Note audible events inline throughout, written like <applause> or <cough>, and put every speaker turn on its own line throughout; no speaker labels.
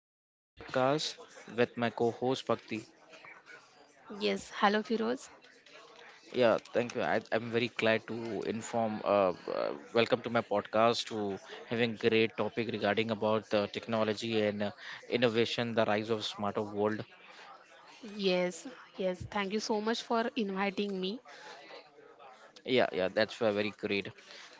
to my another podcast with my co-host Bhakti.
Yes, hello Firoz.
Yeah, thank you. I'm very glad to inform. Welcome to my podcast to having great topic regarding about the technology and innovation, the rise of smarter world.
Yes, yes, thank you so much for inviting me.
Yeah, yeah, that's very great.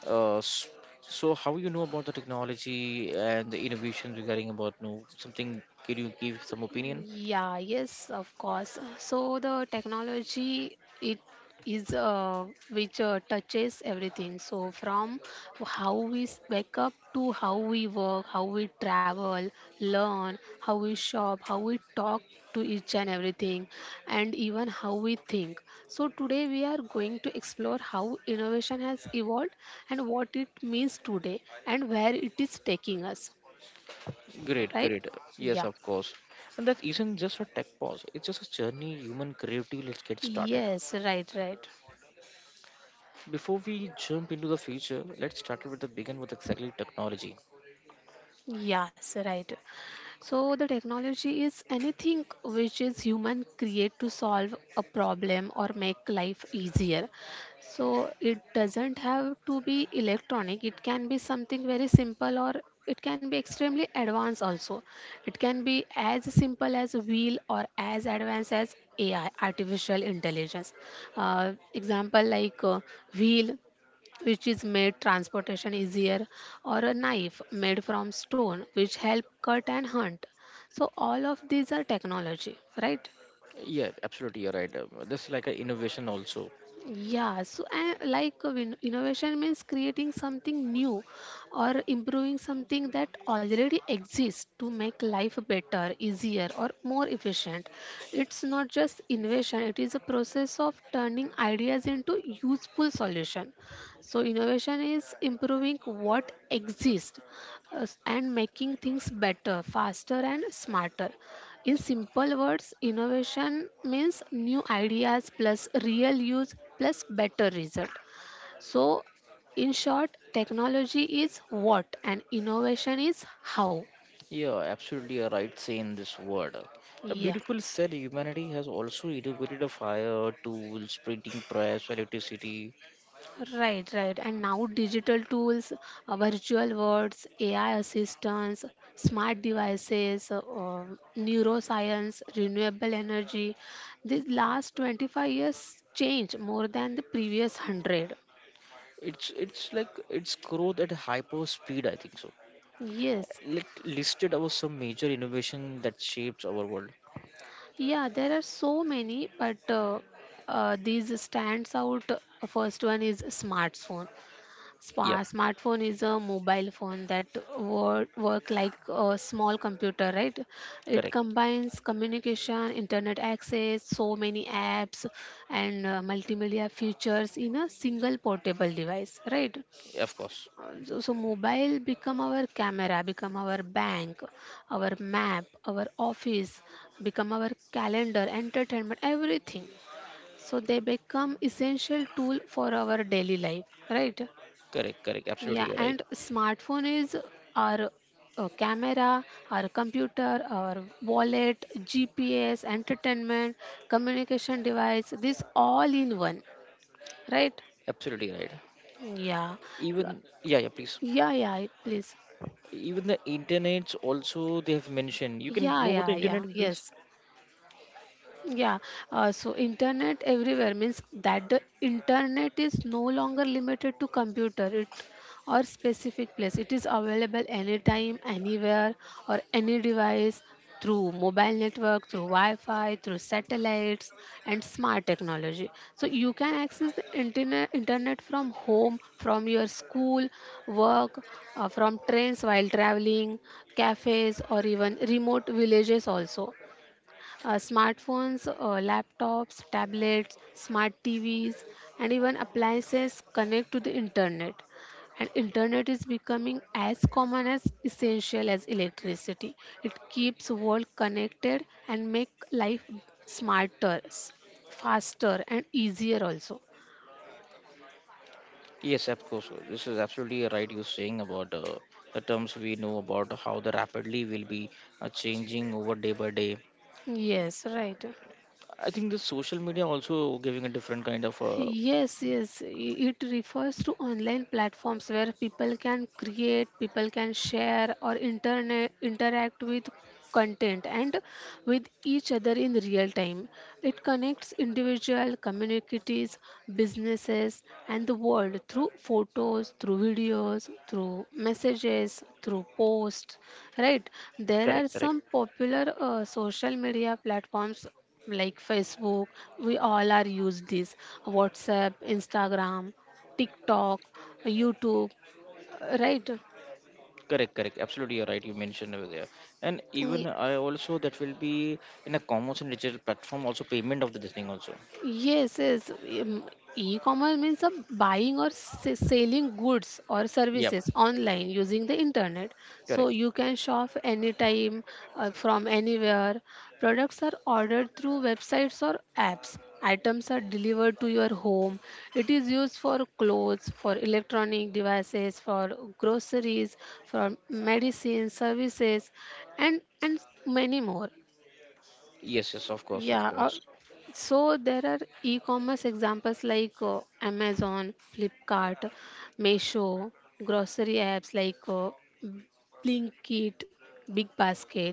Uh, s- so, how you know about the technology and the innovation regarding about no something? Can you give some opinion?
Yeah, yes, of course. So the technology it is which touches everything. So from how we wake up to how we work, how we travel, learn, how we shop, how we talk to each and everything, and even how we think. So today we are going to explore how innovation has evolved and what it means today and where it is taking us.
Great,
Right?
great.
Yeah.
Yes, of course. And that isn't just a tech pause, it's just a journey, human creativity. Let's get started.
Yes, right, right.
Before we jump into the future, let's start with the begin with exactly technology.
Yes, right. So the technology is anything which is human create to solve a problem or make life easier. So it doesn't have to be electronic. It can be something very simple or it can be extremely advanced also. It can be as simple as a wheel or as advanced as AI, artificial intelligence. Example like wheel which is made transportation easier, or a knife made from stone, which help cut and hunt. So all of these are technology, right?
Yeah, absolutely, you're right. This is like an innovation also.
Yeah, so I like innovation means creating something new or improving something that already exists to make life better, easier, or more efficient. It's not just innovation, it is a process of turning ideas into useful solution. So innovation is improving what exists and making things better, faster, and smarter. In simple words, innovation means new ideas plus real use plus better result. So, in short, technology is what and innovation is how.
Yeah, absolutely, you're right saying this word. A
Yeah,
beautiful said humanity has also innovated a fire, tools, printing press, electricity.
right, right. And now digital tools, virtual worlds, AI assistants, smart devices, neuroscience, renewable energy. These last 25 years change more than the previous 100.
It's like it's growth at hyper speed, I think so.
Yes.
Let listed about some major innovation that shapes our world.
Yeah, there are so many, but these stands out. First one is smartphone.
Yep,
Smartphone is a mobile phone that work like a small computer, right? It
correct.
combines communication, internet access, so many apps, and multimedia features in a single portable device, right?
Of course,
Also, so mobile become our camera, become our bank, our map, our office, become our calendar, entertainment, everything. So they become essential tool for our daily life, right?
correct, correct.
Yeah,
Absolutely right.
and smartphone is our camera, our computer, our wallet, GPS, entertainment, communication device. This all in one, right?
Absolutely right.
Yeah,
Even yeah, yeah. Please.
yeah, yeah. Please.
Even the internets also they have mentioned. You can
Yeah,
know about the
yeah,
internet,
yeah.
please.
Yes. Yeah, so internet everywhere means that the internet is no longer limited to computer it or specific place. It is available anytime, anywhere, or any device through mobile network, through Wi-Fi, through satellites, and smart technology. So you can access the internet from home, from your school, work, from trains while traveling, cafes, or even remote villages also, smartphones, laptops, tablets, smart TVs, and even appliances connect to the internet. And internet is becoming as common as essential as electricity. It keeps world connected and make life smarter, faster, and easier also.
Yes, of course. This is absolutely right. You're saying about the terms we know about how the rapidly will be changing over day by day.
Yes, right.
I think the social media also giving a different kind of
Yes, yes. It refers to online platforms where people can create, people can share or internet interact with content and with each other in real time. It connects individual communities, businesses and the world through photos, through videos, through messages, through posts, right? There
correct,
are
correct.
some popular social media platforms like Facebook, we all are use this, WhatsApp, Instagram, TikTok, YouTube, right?
Correct, correct. Absolutely, you're right. You mentioned over there, and even I also that will be in a commerce and digital platform. Also, payment of the this thing also.
Yes, yes. um, E-commerce means a buying or selling goods or
Yep,
services online using the internet. So
correct.
you can shop anytime from anywhere. Products are ordered through websites or apps. Items are delivered to your home. It is used for clothes, for electronic devices, for groceries, for medicine, services, and many more.
Yes, yes, of course, of
Yeah,
course.
so there are e-commerce examples like Amazon, Flipkart, Meesho, grocery apps like Blinkit, Big Basket.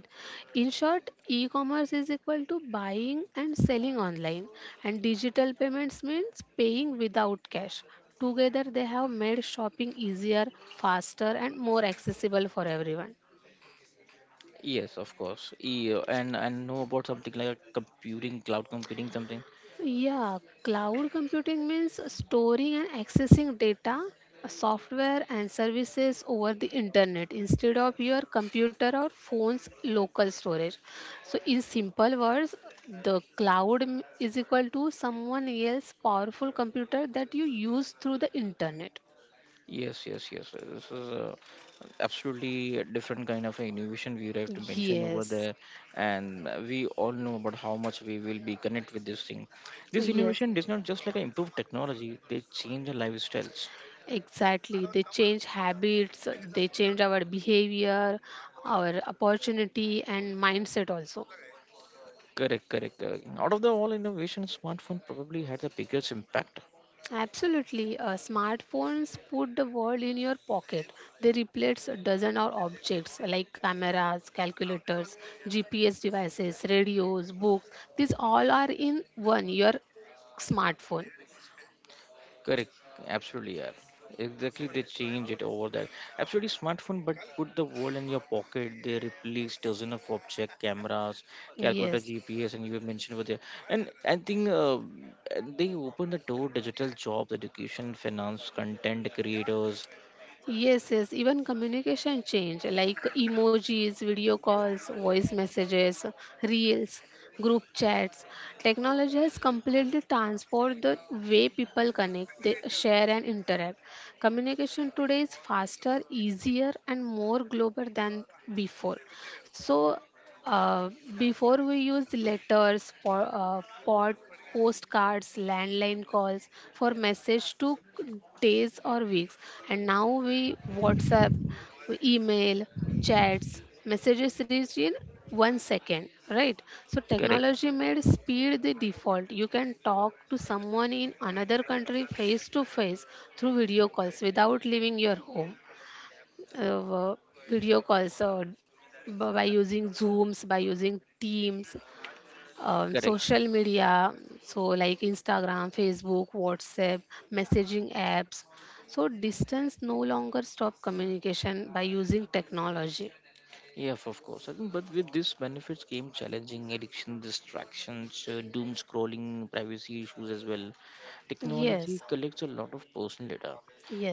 In short, e-commerce is equal to buying and selling online, and digital payments means paying without cash. Together, they have made shopping easier, faster, and more accessible for everyone.
Yes, of course. Yeah, and know about something like a computing, cloud computing, something.
Yeah, cloud computing means storing and accessing data, software, and services over the internet instead of your computer or phone's local storage. So, in simple words, the cloud is equal to someone else's powerful computer that you use through the internet.
Yes, yes, yes. This is a absolutely a different kind of innovation we would have to mention over
Yes,
there, and we all know about how much we will be connect with this thing. This
yes,
innovation does not just like improve technology; they change the lifestyles.
exactly. They change habits, they change our behavior, our opportunity, and mindset also.
Correct, correct, correct. Out of the all innovation, smartphone probably had the biggest impact.
Absolutely, smartphones put the world in your pocket. They replace a dozen or objects like cameras, calculators, GPS devices, radios, books. These all are in one your smartphone.
Correct, absolutely, yeah. Exactly, they change it over that. Absolutely, smartphone, but put the world in your pocket. They replace dozens of object cameras, calculator,
Yes.
GPS, and you have mentioned over there. And I think and they open the door, digital jobs, education, finance, content creators.
Yes, yes, even communication change like emojis, video calls, voice messages, reels, group chats. Technology has completely transformed the way people connect, they share and interact. Communication today is faster, easier and more global than before. So uh, before we used letters, pot, postcards, landline calls for message took days or weeks, and now we WhatsApp, we email, chats, messages reach in one second, right? So
Correct,
technology made speed the default. You can talk to someone in another country face to face through video calls without leaving your home, uh, video calls b- by using zooms, by using teams,
correct.
social media, so like Instagram, Facebook, WhatsApp, messaging apps, so distance no longer stop communication by using technology.
Yeah, of course. I think, but with this benefits came challenging addiction, distractions, doom scrolling, privacy issues as well. Technology
Yes,
collects a lot of personal data,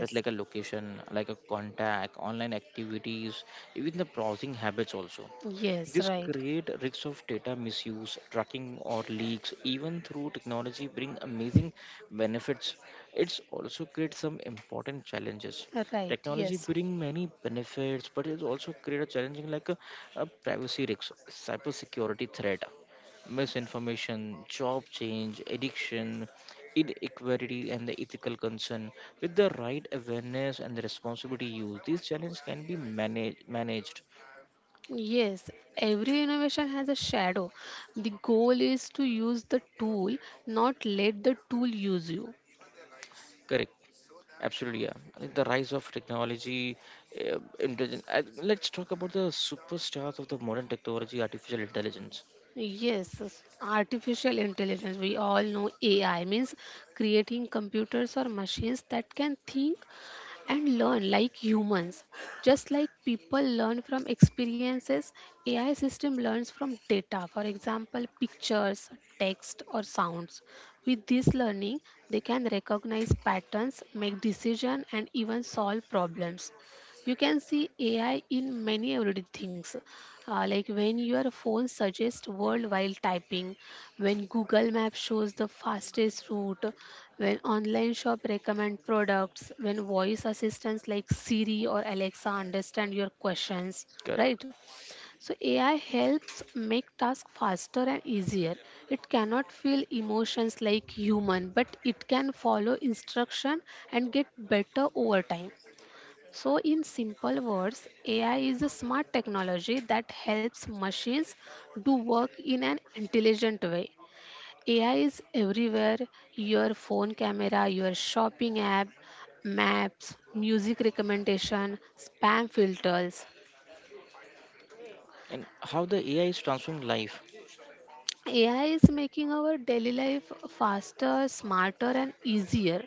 that's like a location, like a contact, online activities, even the browsing habits also.
yes,
This
right,
create risks of data misuse, tracking or leaks, even through technology bring amazing benefits. It's also create some important challenges.
right,
Technology
yes.
bring many benefits, but it also create a challenging like a privacy risk, cyber security threat, misinformation, job change, addiction, inequality, and the ethical concern. With the right awareness and the responsibility use, these challenges can be managed,
Yes, every innovation has a shadow. The goal is to use the tool, not let the tool use you.
correct, absolutely, yeah. I think the rise of technology, intelligence. I, let's talk about the superstars of the modern technology, artificial intelligence.
Yes, artificial intelligence. We all know AI means creating computers or machines that can think and learn like humans. Just like people learn from experiences, AI system learns from data, for example, pictures, text, or sounds. With this learning, they can recognize patterns, make decisions, and even solve problems. You can see AI in many everyday things, like when your phone suggests word while typing, when Google Maps shows the fastest route, when online shop recommend products, when voice assistants like Siri or Alexa understand your questions,
Correct.
right? So AI helps make tasks faster and easier. It cannot feel emotions like human, but it can follow instruction and get better over time. So, in simple words, AI is a smart technology that helps machines do work in an intelligent way. AI is everywhere, your phone camera, your shopping app, maps, music recommendation, spam filters.
And how the AI is transforming life.
AI is making our daily life faster, smarter, and easier.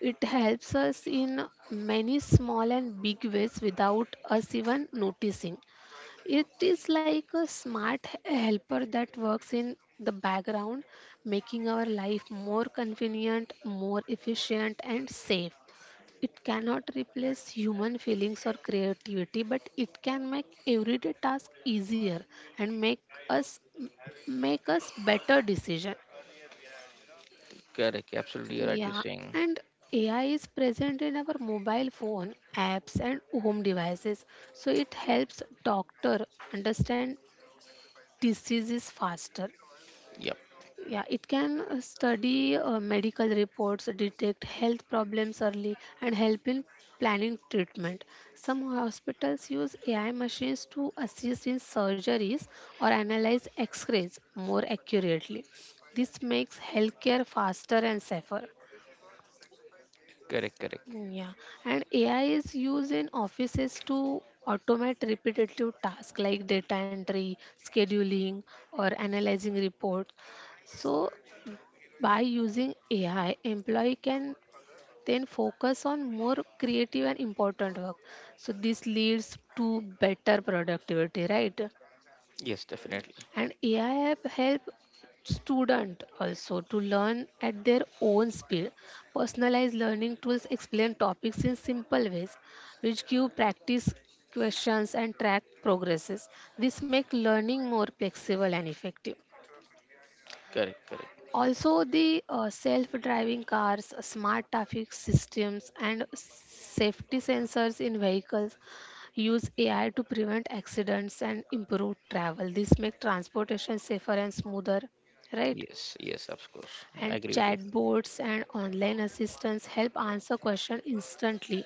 It helps us in many small and big ways without us even noticing. It is like a smart helper that works in the background, making our life more convenient, more efficient, and safe. It cannot replace human feelings or creativity, but it can make everyday tasks easier and us make us better decision.
Correct. Absolutely right. You're
Yeah,
saying.
and AI is present in our mobile phone apps and home devices. So it helps doctor understand disease is faster.
Yep.
Yeah, it can study medical reports, detect health problems early, and help in planning treatment. Some hospitals use AI machines to assist in surgeries or analyze x rays more accurately. This makes healthcare faster and safer.
Correct. Correct.
Mm. Yeah, and AI is used in offices to automate repetitive tasks like data entry, scheduling, or analyzing reports. So, by using AI, employee can then focus on more creative and important work. So, this leads to better productivity, right?
Yes. Definitely.
And ai have helped student also to learn at their own speed. Personalized learning tools explain topics in simple ways, which give practice questions and track progresses. This make learning more flexible and effective.
Correct. Correct.
Also, the self driving cars, smart traffic systems, and safety sensors in vehicles use AI to prevent accidents and improve travel. This makes transportation safer and smoother, right?
Yes. Yes. Of course. I
And
agree with it.
chatbots and online assistants help answer questions instantly,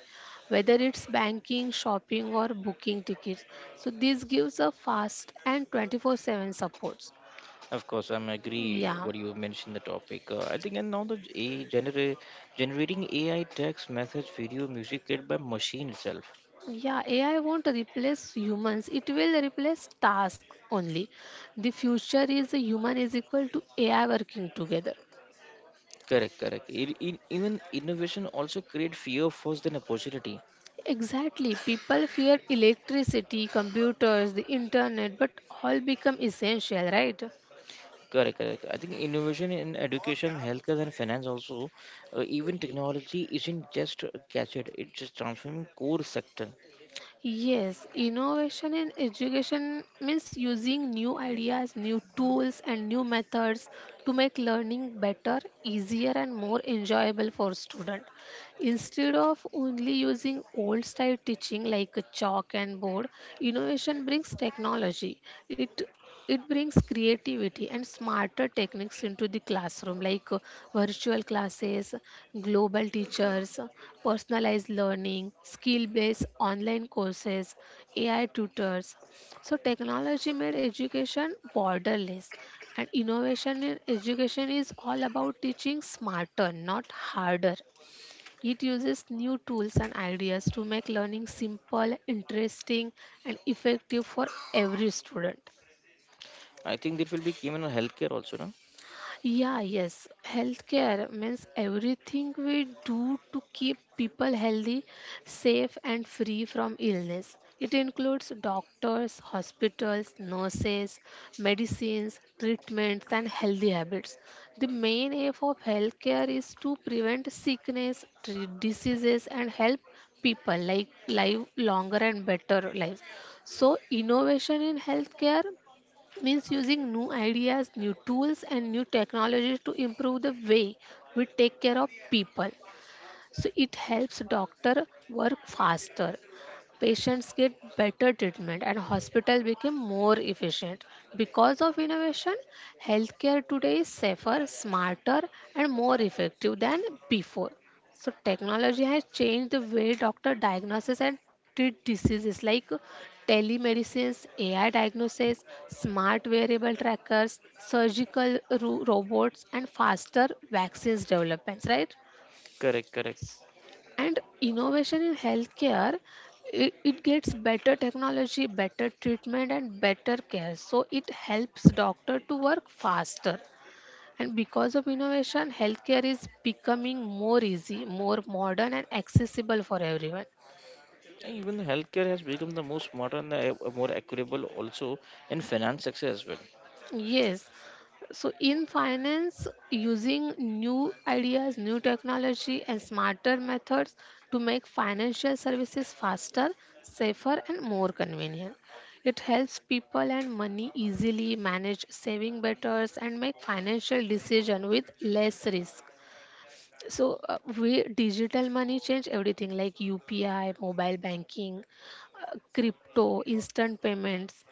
whether it's banking, shopping, or booking tickets. So, this gives a fast and 24/7 support.
Of course. I'm agree
Yeah.
what you mentioned the topic. I think and now the generating AI text message, video, music created by machine itself.
Yeah, AI won't replace humans. It will replace task only. The future is a human is equal to AI working together.
Correct. Correct. Even innovation also create fear first than opportunity.
Exactly. People fear electricity, computers, the internet, but all become essential, right?
Correct, correct. I think innovation in education, healthcare, and finance also, even technology isn't just a gadget; it's just transforming core sector.
Yes, innovation in education means using new ideas, new tools, and new methods to make learning better, easier, and more enjoyable for student. Instead of only using old style teaching like a chalk and board, innovation brings technology. It it brings creativity and smarter techniques into the classroom like virtual classes, global teachers, personalized learning, skill based online courses, AI tutors. So, technology made education borderless, and innovation in education is all about teaching smarter, not harder. It uses new tools and ideas to make learning simple, interesting, and effective for every student.
I think that will be given on healthcare also, no?
Yeah, yes. Healthcare means everything we do to keep people healthy, safe, and free from illness. It includes doctors, hospitals, nurses, medicines, treatments, and healthy habits. The main aim of healthcare is to prevent sickness, treat diseases, and help people like live longer and better lives. So, innovation in healthcare means using new ideas, new tools, and new technologies to improve the way we take care of people. So it helps doctor work faster, patients get better treatment, and hospital became more efficient. Because of innovation, healthcare today is safer, smarter, and more effective than before. So technology has changed the way doctor diagnoses and treat diseases, like telemedicines, AI diagnosis, smart wearable trackers, surgical robots, and faster vaccines developments, right?
Correct, correct.
And innovation in healthcare, it gets better technology, better treatment, and better care. So it helps doctor to work faster. And because of innovation, healthcare is becoming more easy, more modern, and accessible for everyone.
And even healthcare has become the most modern, the more equitable also in finance sector as well.
Yes. So, in finance, using new ideas, new technology, and smarter methods to make financial services faster, safer, and more convenient. It helps people and money easily manage saving better and make financial decision with less risk. So, we digital money change everything, like UPI, mobile banking, crypto, instant payments.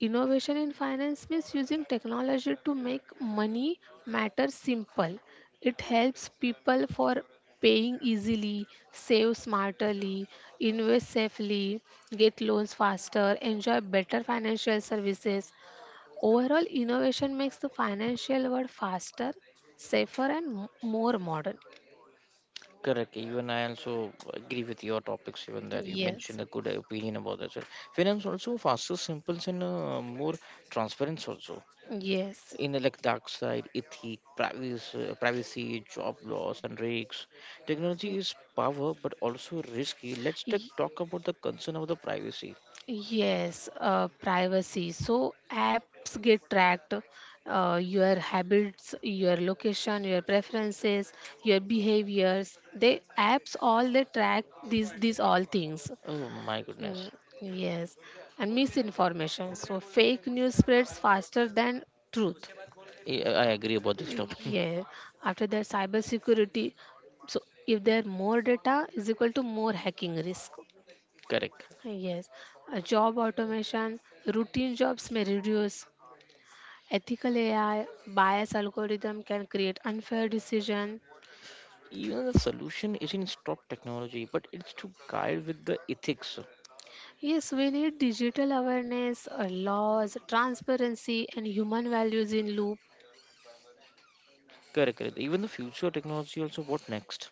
Innovation in finance means using technology to make money matters simple. It helps people for paying easily, save smartly, invest safely, get loans faster, enjoy better financial services. Overall, innovation makes the financial world faster, safer, and more modern.
Correct. Even I also agree with your topics, even that you
Yes,
mentioned a good opinion about that, sir. Finance also faster, simple, and more transparent also.
yes,
In like dark side, ethic, privacy, job loss, and risks. Technology is power, but also risky. Let's
yeah.
talk about the concern of the privacy.
Yes, privacy. So apps get tracked, your habits, your location, your preferences, your behaviors. They apps all they track these all things.
Oh my goodness,
Mm, yes, and misinformation. So fake news spreads faster than truth.
I agree about this topic. <laughs>
Yeah. After that, cybersecurity. So if there are more data is equal to more hacking risk.
Correct.
Yes, job automation, routine jobs may reduce. Ethical AI, bias algorithm can create unfair decision.
Even the solution isn't stop technology, but it's to guide with the ethics.
Yes, we need digital awareness, laws, transparency, and human values in loop.
Correct, correct. Even the future technology also. What next?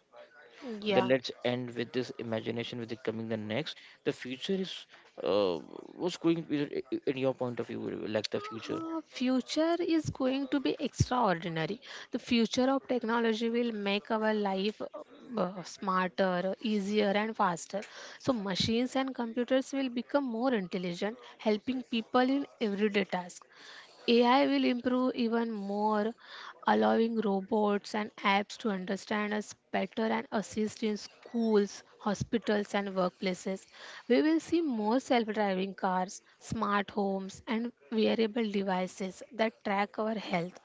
Then
Yeah.
let's end with this imagination with the coming the next. The future is, uh, what's going to be in your point of view, like the future.
Future is going to be extraordinary. The future of technology will make our life smarter, easier, and faster. So, machines and computers will become more intelligent, helping people in everyday tasks. AI will improve even more, allowing robots and apps to understand us better and assist in schools, hospitals, and workplaces. We will see more self driving cars, smart homes, and wearable devices that track our health.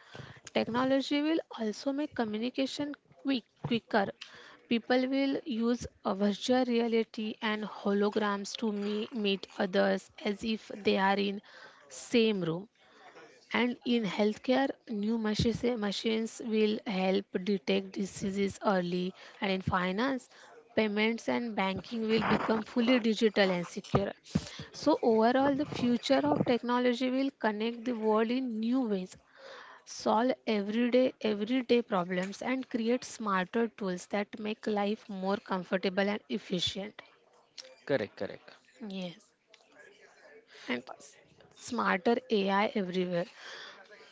Technology will also make communication quicker. People will use virtual reality and holograms to meet others as if they are in same room. And in healthcare, new machines, machines will help detect diseases early. And in finance, payments and banking will become fully digital and secure. So, overall, the future of technology will connect the world in new ways, solve everyday problems, and create smarter tools that make life more comfortable and efficient.
Correct, correct.
Yes. And smarter AI everywhere.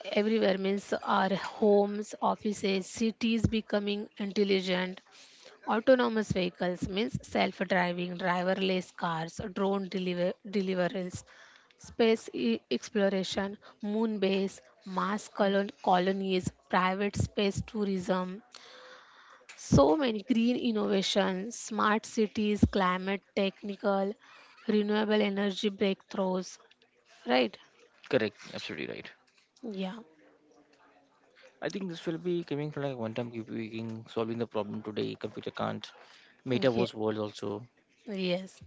Everywhere means our homes, offices, cities becoming intelligent. Autonomous vehicles means self driving, driverless cars, drone deliveries. Space exploration, moon base, colonies, private space tourism. So many green innovations, smart cities, climate technical, renewable energy breakthroughs, right?
Correct. Absolutely right.
Yeah,
I think this will be coming from like one time computing solving the problem today computer can't,
yeah,
metaverse world also.
yes,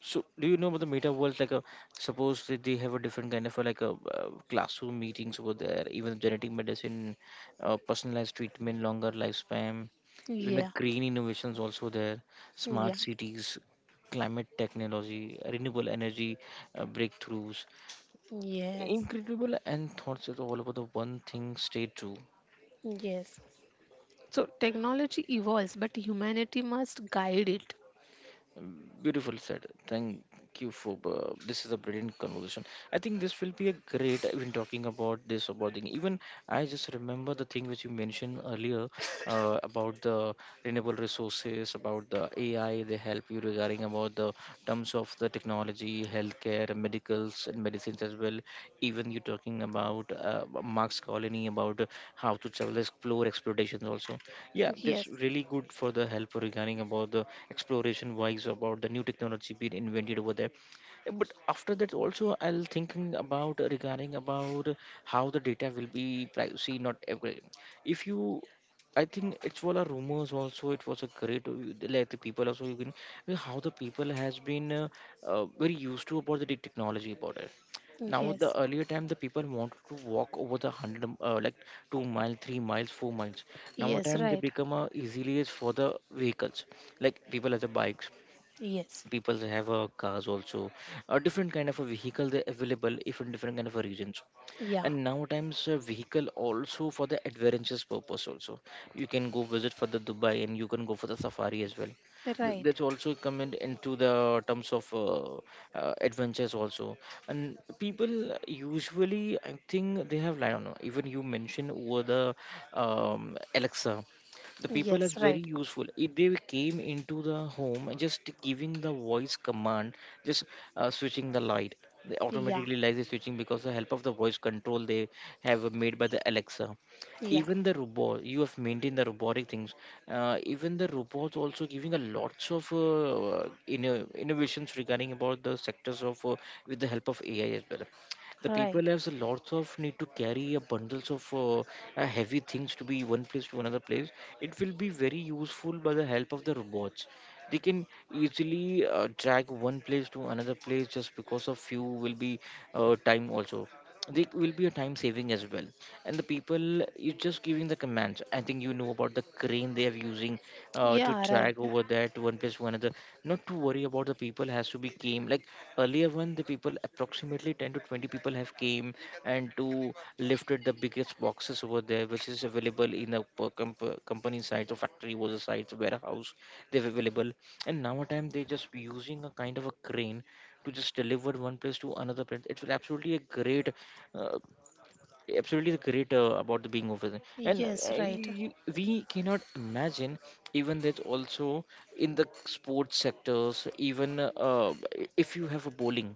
So, do you know about the meta world? Like, suppose that they have a different kind of a, like a classroom meetings over there, even genetic medicine, personalized treatment, longer lifespan, even the
yeah.
green innovations also there, smart
Yeah.
cities, climate technology, renewable energy breakthroughs,
Yes.
incredible, and thoughts is all about the one thing stay true.
Yes. So technology evolves, but humanity must guide it.
Beautiful said. Thank you for this is a brilliant conversation. I think this will be a great even talking about this, about the even I just remember the thing which you mentioned earlier about the renewable resources, about the AI they help you regarding about the terms of the technology, healthcare, medicals, and medicines as well. Even you're talking about Marx Colony, about how to travel, explore explorations also. Yeah, it's
Yes.
really good for the help regarding about the exploration wise, about the new technology being invented over there. But after that also I'll thinking about regarding about how the data will be privacy, not every, if you, I think it's all a rumors also. It was a great, like the people also, you can, how the people has been very used to about the technology about it. Now the
Yes.
earlier time the people wanted to walk over the hundred, like 2 mile, 3 miles, 4 miles. Now a
Yes.
time they
Right.
become a easily is for the vehicles. Like people have the bikes,
Yes.
people have cars also. A different kind of a vehicle they available if in different kind of a regions,
Yeah.
and nowadays, a vehicle also for the adventurous purpose also. You can go visit for the Dubai and you can go for the safari as well. Th-
Right.
that's also come into the terms of adventures also. And people usually I think they have, like, I don't know, even you mentioned over the Alexa. The people is
Yes.
very
Right.
useful if they came into the home and just giving the voice command, just switching the light, they
Yeah.
automatically lies the switching because the help of the voice control they have made by the Alexa.
Yeah.
Even the robot you have maintained the robotic things, even the robots also giving a lots of innovations regarding about the sectors of, with the help of AI as well. The people
Right.
has a lots of need to carry a bundles of heavy things to be one place to another place. It will be very useful by the help of the robots. They can easily drag one place to another place, just because of few will be time also. They will be a time saving as well, and the people is just giving the commands. I think you know about the crane they are using to
Yeah. Right.
drag over there to one place to another. Not to worry about the people has to be came like earlier one. The people approximately 10 to 20 people have came and to lifted the biggest boxes over there, which is available in the company site or factory was a site warehouse. They're available, and now a time they just using a kind of a crane to just deliver one place to another place. It's absolutely a great uh, absolutely a great, about the being over there. And
Yes. Right.
we cannot imagine even that also. In the sports sectors, even if you have a bowling,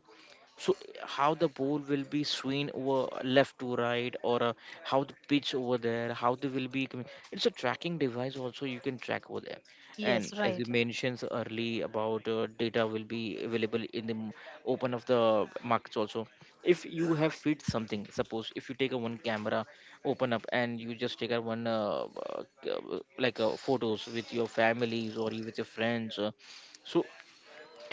so how the ball will be swinging over left to right, or how the pitch over there, how they will be coming. It's a tracking device also, you can track over there.
Yes.
And as you
Right.
mentioned early about data will be available in the open of the markets also. If you have fit something, suppose if you take a one camera, open up and you just take a one like photos with your families or you with your friends. So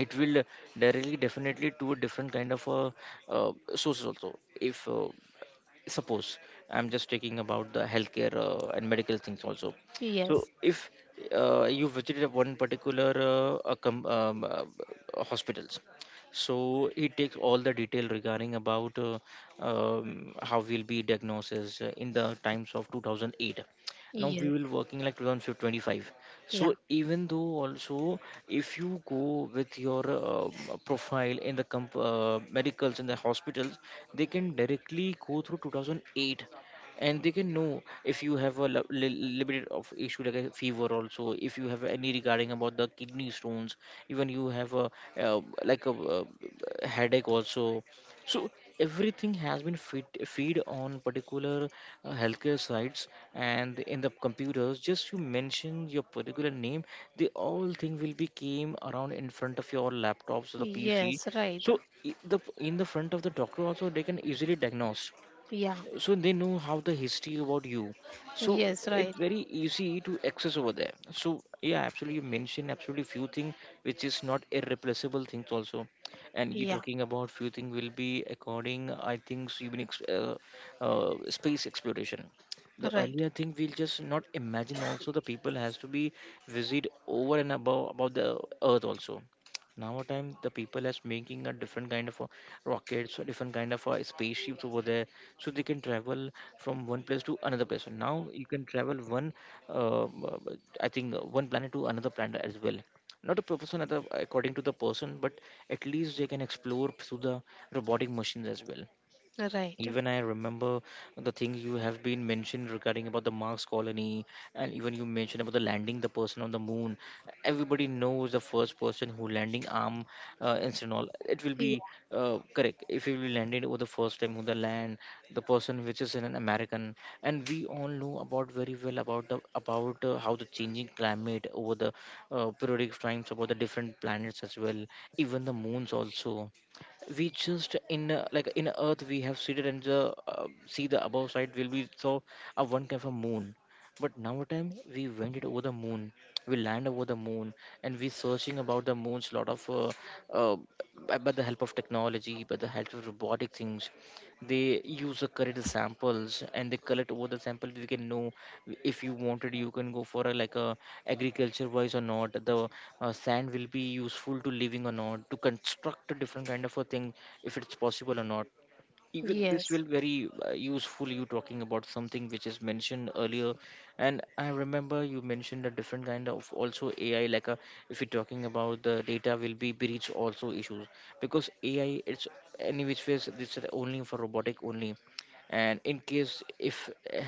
it will directly definitely to a different kind of sources also. If Suppose I'm just taking about the healthcare and medical things also. So
Yes.
if you visited a one particular hospitals, so it takes all the detail regarding about how will be diagnosis in the times of 2008. Now we
Yes.
will working like 2025,
Yeah.
so even though also if you go with your profile in the medicals in the hospitals, they can directly go through 2008, and they can know if you have a limited of issue like a fever. Also if you have any regarding about the kidney stones, even you have a uh, like a uh, headache also. So everything has been feed on particular healthcare sites, and in the computers just you mention your particular name, the all thing will be came around in front of your laptops or the pc.
Yes. Right.
So I- the in the front of the doctor also, they can easily diagnose,
Yeah.
so they know how the history about you. So
Yes. Right.
it's very easy to access over there. So yeah, absolutely, you mentioned absolutely few things which is not irreplaceable things also. And you
Yeah.
talking about few things will be according, I think so. Space exploration, the
Right.
earlier thing we'll just not imagine also. The people has to be visit over and above about the earth also. Now a time the people has making a different kind of a rockets or different kind of a spaceships over there, so they can travel from one place to another place. And now you can travel one uh, uh, I think one planet to another planet as well. Not a person at according to the person, but at least they can explore through the robotic machines as well.
Right.
Even I remember the things you have been mentioned regarding about the Mars colony, and even you mentioned about the landing the person on the moon. Everybody knows the first person who landing arm, and all it will
Yeah.
be correct. If you will landed over the first time on the land, the person which is an American. And we all know about very well about the about how the changing climate over the periodic times about the different planets as well, even the moons also. We just in Like in earth, we have seated and the see the above side will be so one kind of a moon. But now time we went it over the moon, we land over the moon, and we searching about the moon's lot of uh, by the help of technology, by the help of robotic things. They use the correct samples and they collect over the sample. We can know if you wanted you can go for a like a agriculture wise or not the sand will be useful to living, or not to construct a different kind of a thing, if it's possible or not. Even this will
Yes.
very useful. You talking about something which is mentioned earlier. And I remember you mentioned a different kind of also AI, like a, if you're talking about the data will be breach also issues. Because AI, it's any which ways, this is only for robotic only. And in case if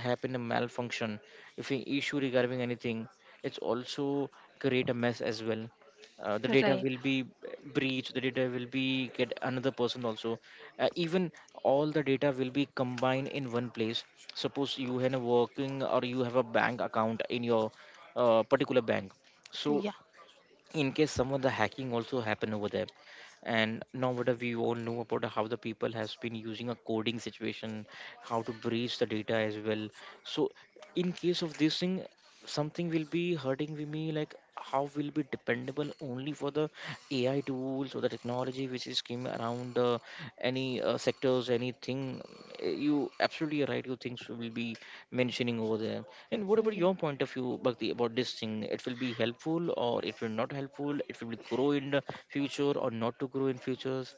happen a malfunction, if an issue regarding anything, it's also create a mess as well. The data
Right.
will be breached, the data will be get another person also. Even all the data will be combined in one place. Suppose you have a working or you have a bank account in your particular bank. So
Yeah.
in case some of the hacking also happen over there, and nowadays we all know about how the people has been using a coding situation, how to breach the data as well. So in case of this thing, something will be hurting with me, like how will be dependable only for the AI tools or the technology which is came around, any sectors, anything. You absolutely right, you things will be mentioning over there. And what about
Yeah,
your point of view, Bhakti, about this thing? It will be helpful or it will not helpful? It will be grow in the future or not to grow in futures?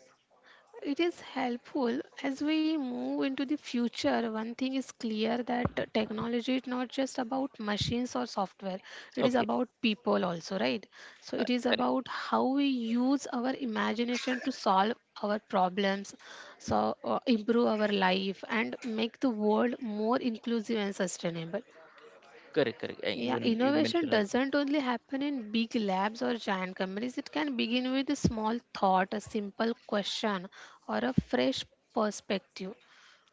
it is helpful as we move into the future. One thing is clear that the technology is not just about machines or software, it is
Okay,
about people also, right? So, it is
correct,
about how we use our imagination to solve our problems, so improve our life, and make the world more inclusive and sustainable.
correct.
Yeah,
Even you
innovation
mentioned it.
doesn't only happen in big labs or giant companies. It can begin with a small thought, a simple question, or a fresh perspective.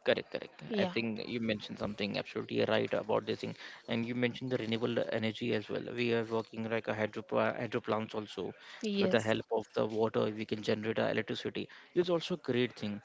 Correct. I
Yeah,
think you mentioned something absolutely right about this thing, and you mentioned the renewable energy as well. We are working like a hydro plants also, with the
yes,
help of the water, we can generate our electricity. It's also a great thing.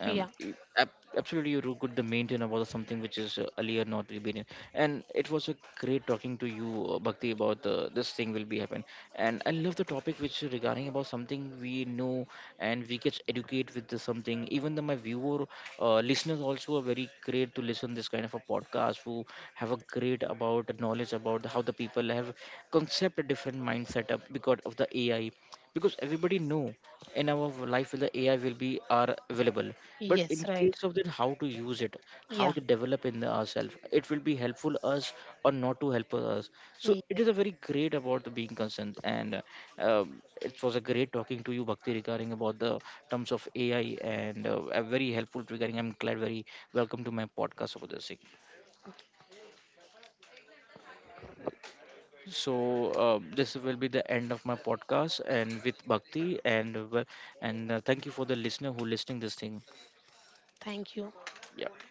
yeah,
y- ab- Absolutely, you do good. The maintain about something which is earlier not really been, in. And it was a great talking to you, Bhakti, about this thing will be happen. And I love the topic which regarding about something we know, and we get educate with the something. Even the my viewer listeners also are very great to listen this kind of a podcast, who have a great about knowledge about how the people have concept a different mindset up because of the AI. Because everybody know in our life the AI will be are available. But
yes,
in
right.
case of that, how to use it, how
Yeah,
to develop in ourselves, it will be helpful us or not to help us. So it
yes.
is a very great about the being concerned. And it was a great talking to you, Bhakti, regarding about the terms of AI and a very helpful regarding. I'm glad, very welcome to my podcast over the sake. So this will be the end of my podcast and with Bhakti, and thank you for the listener who listening this thing.
Thank you.
Yeah.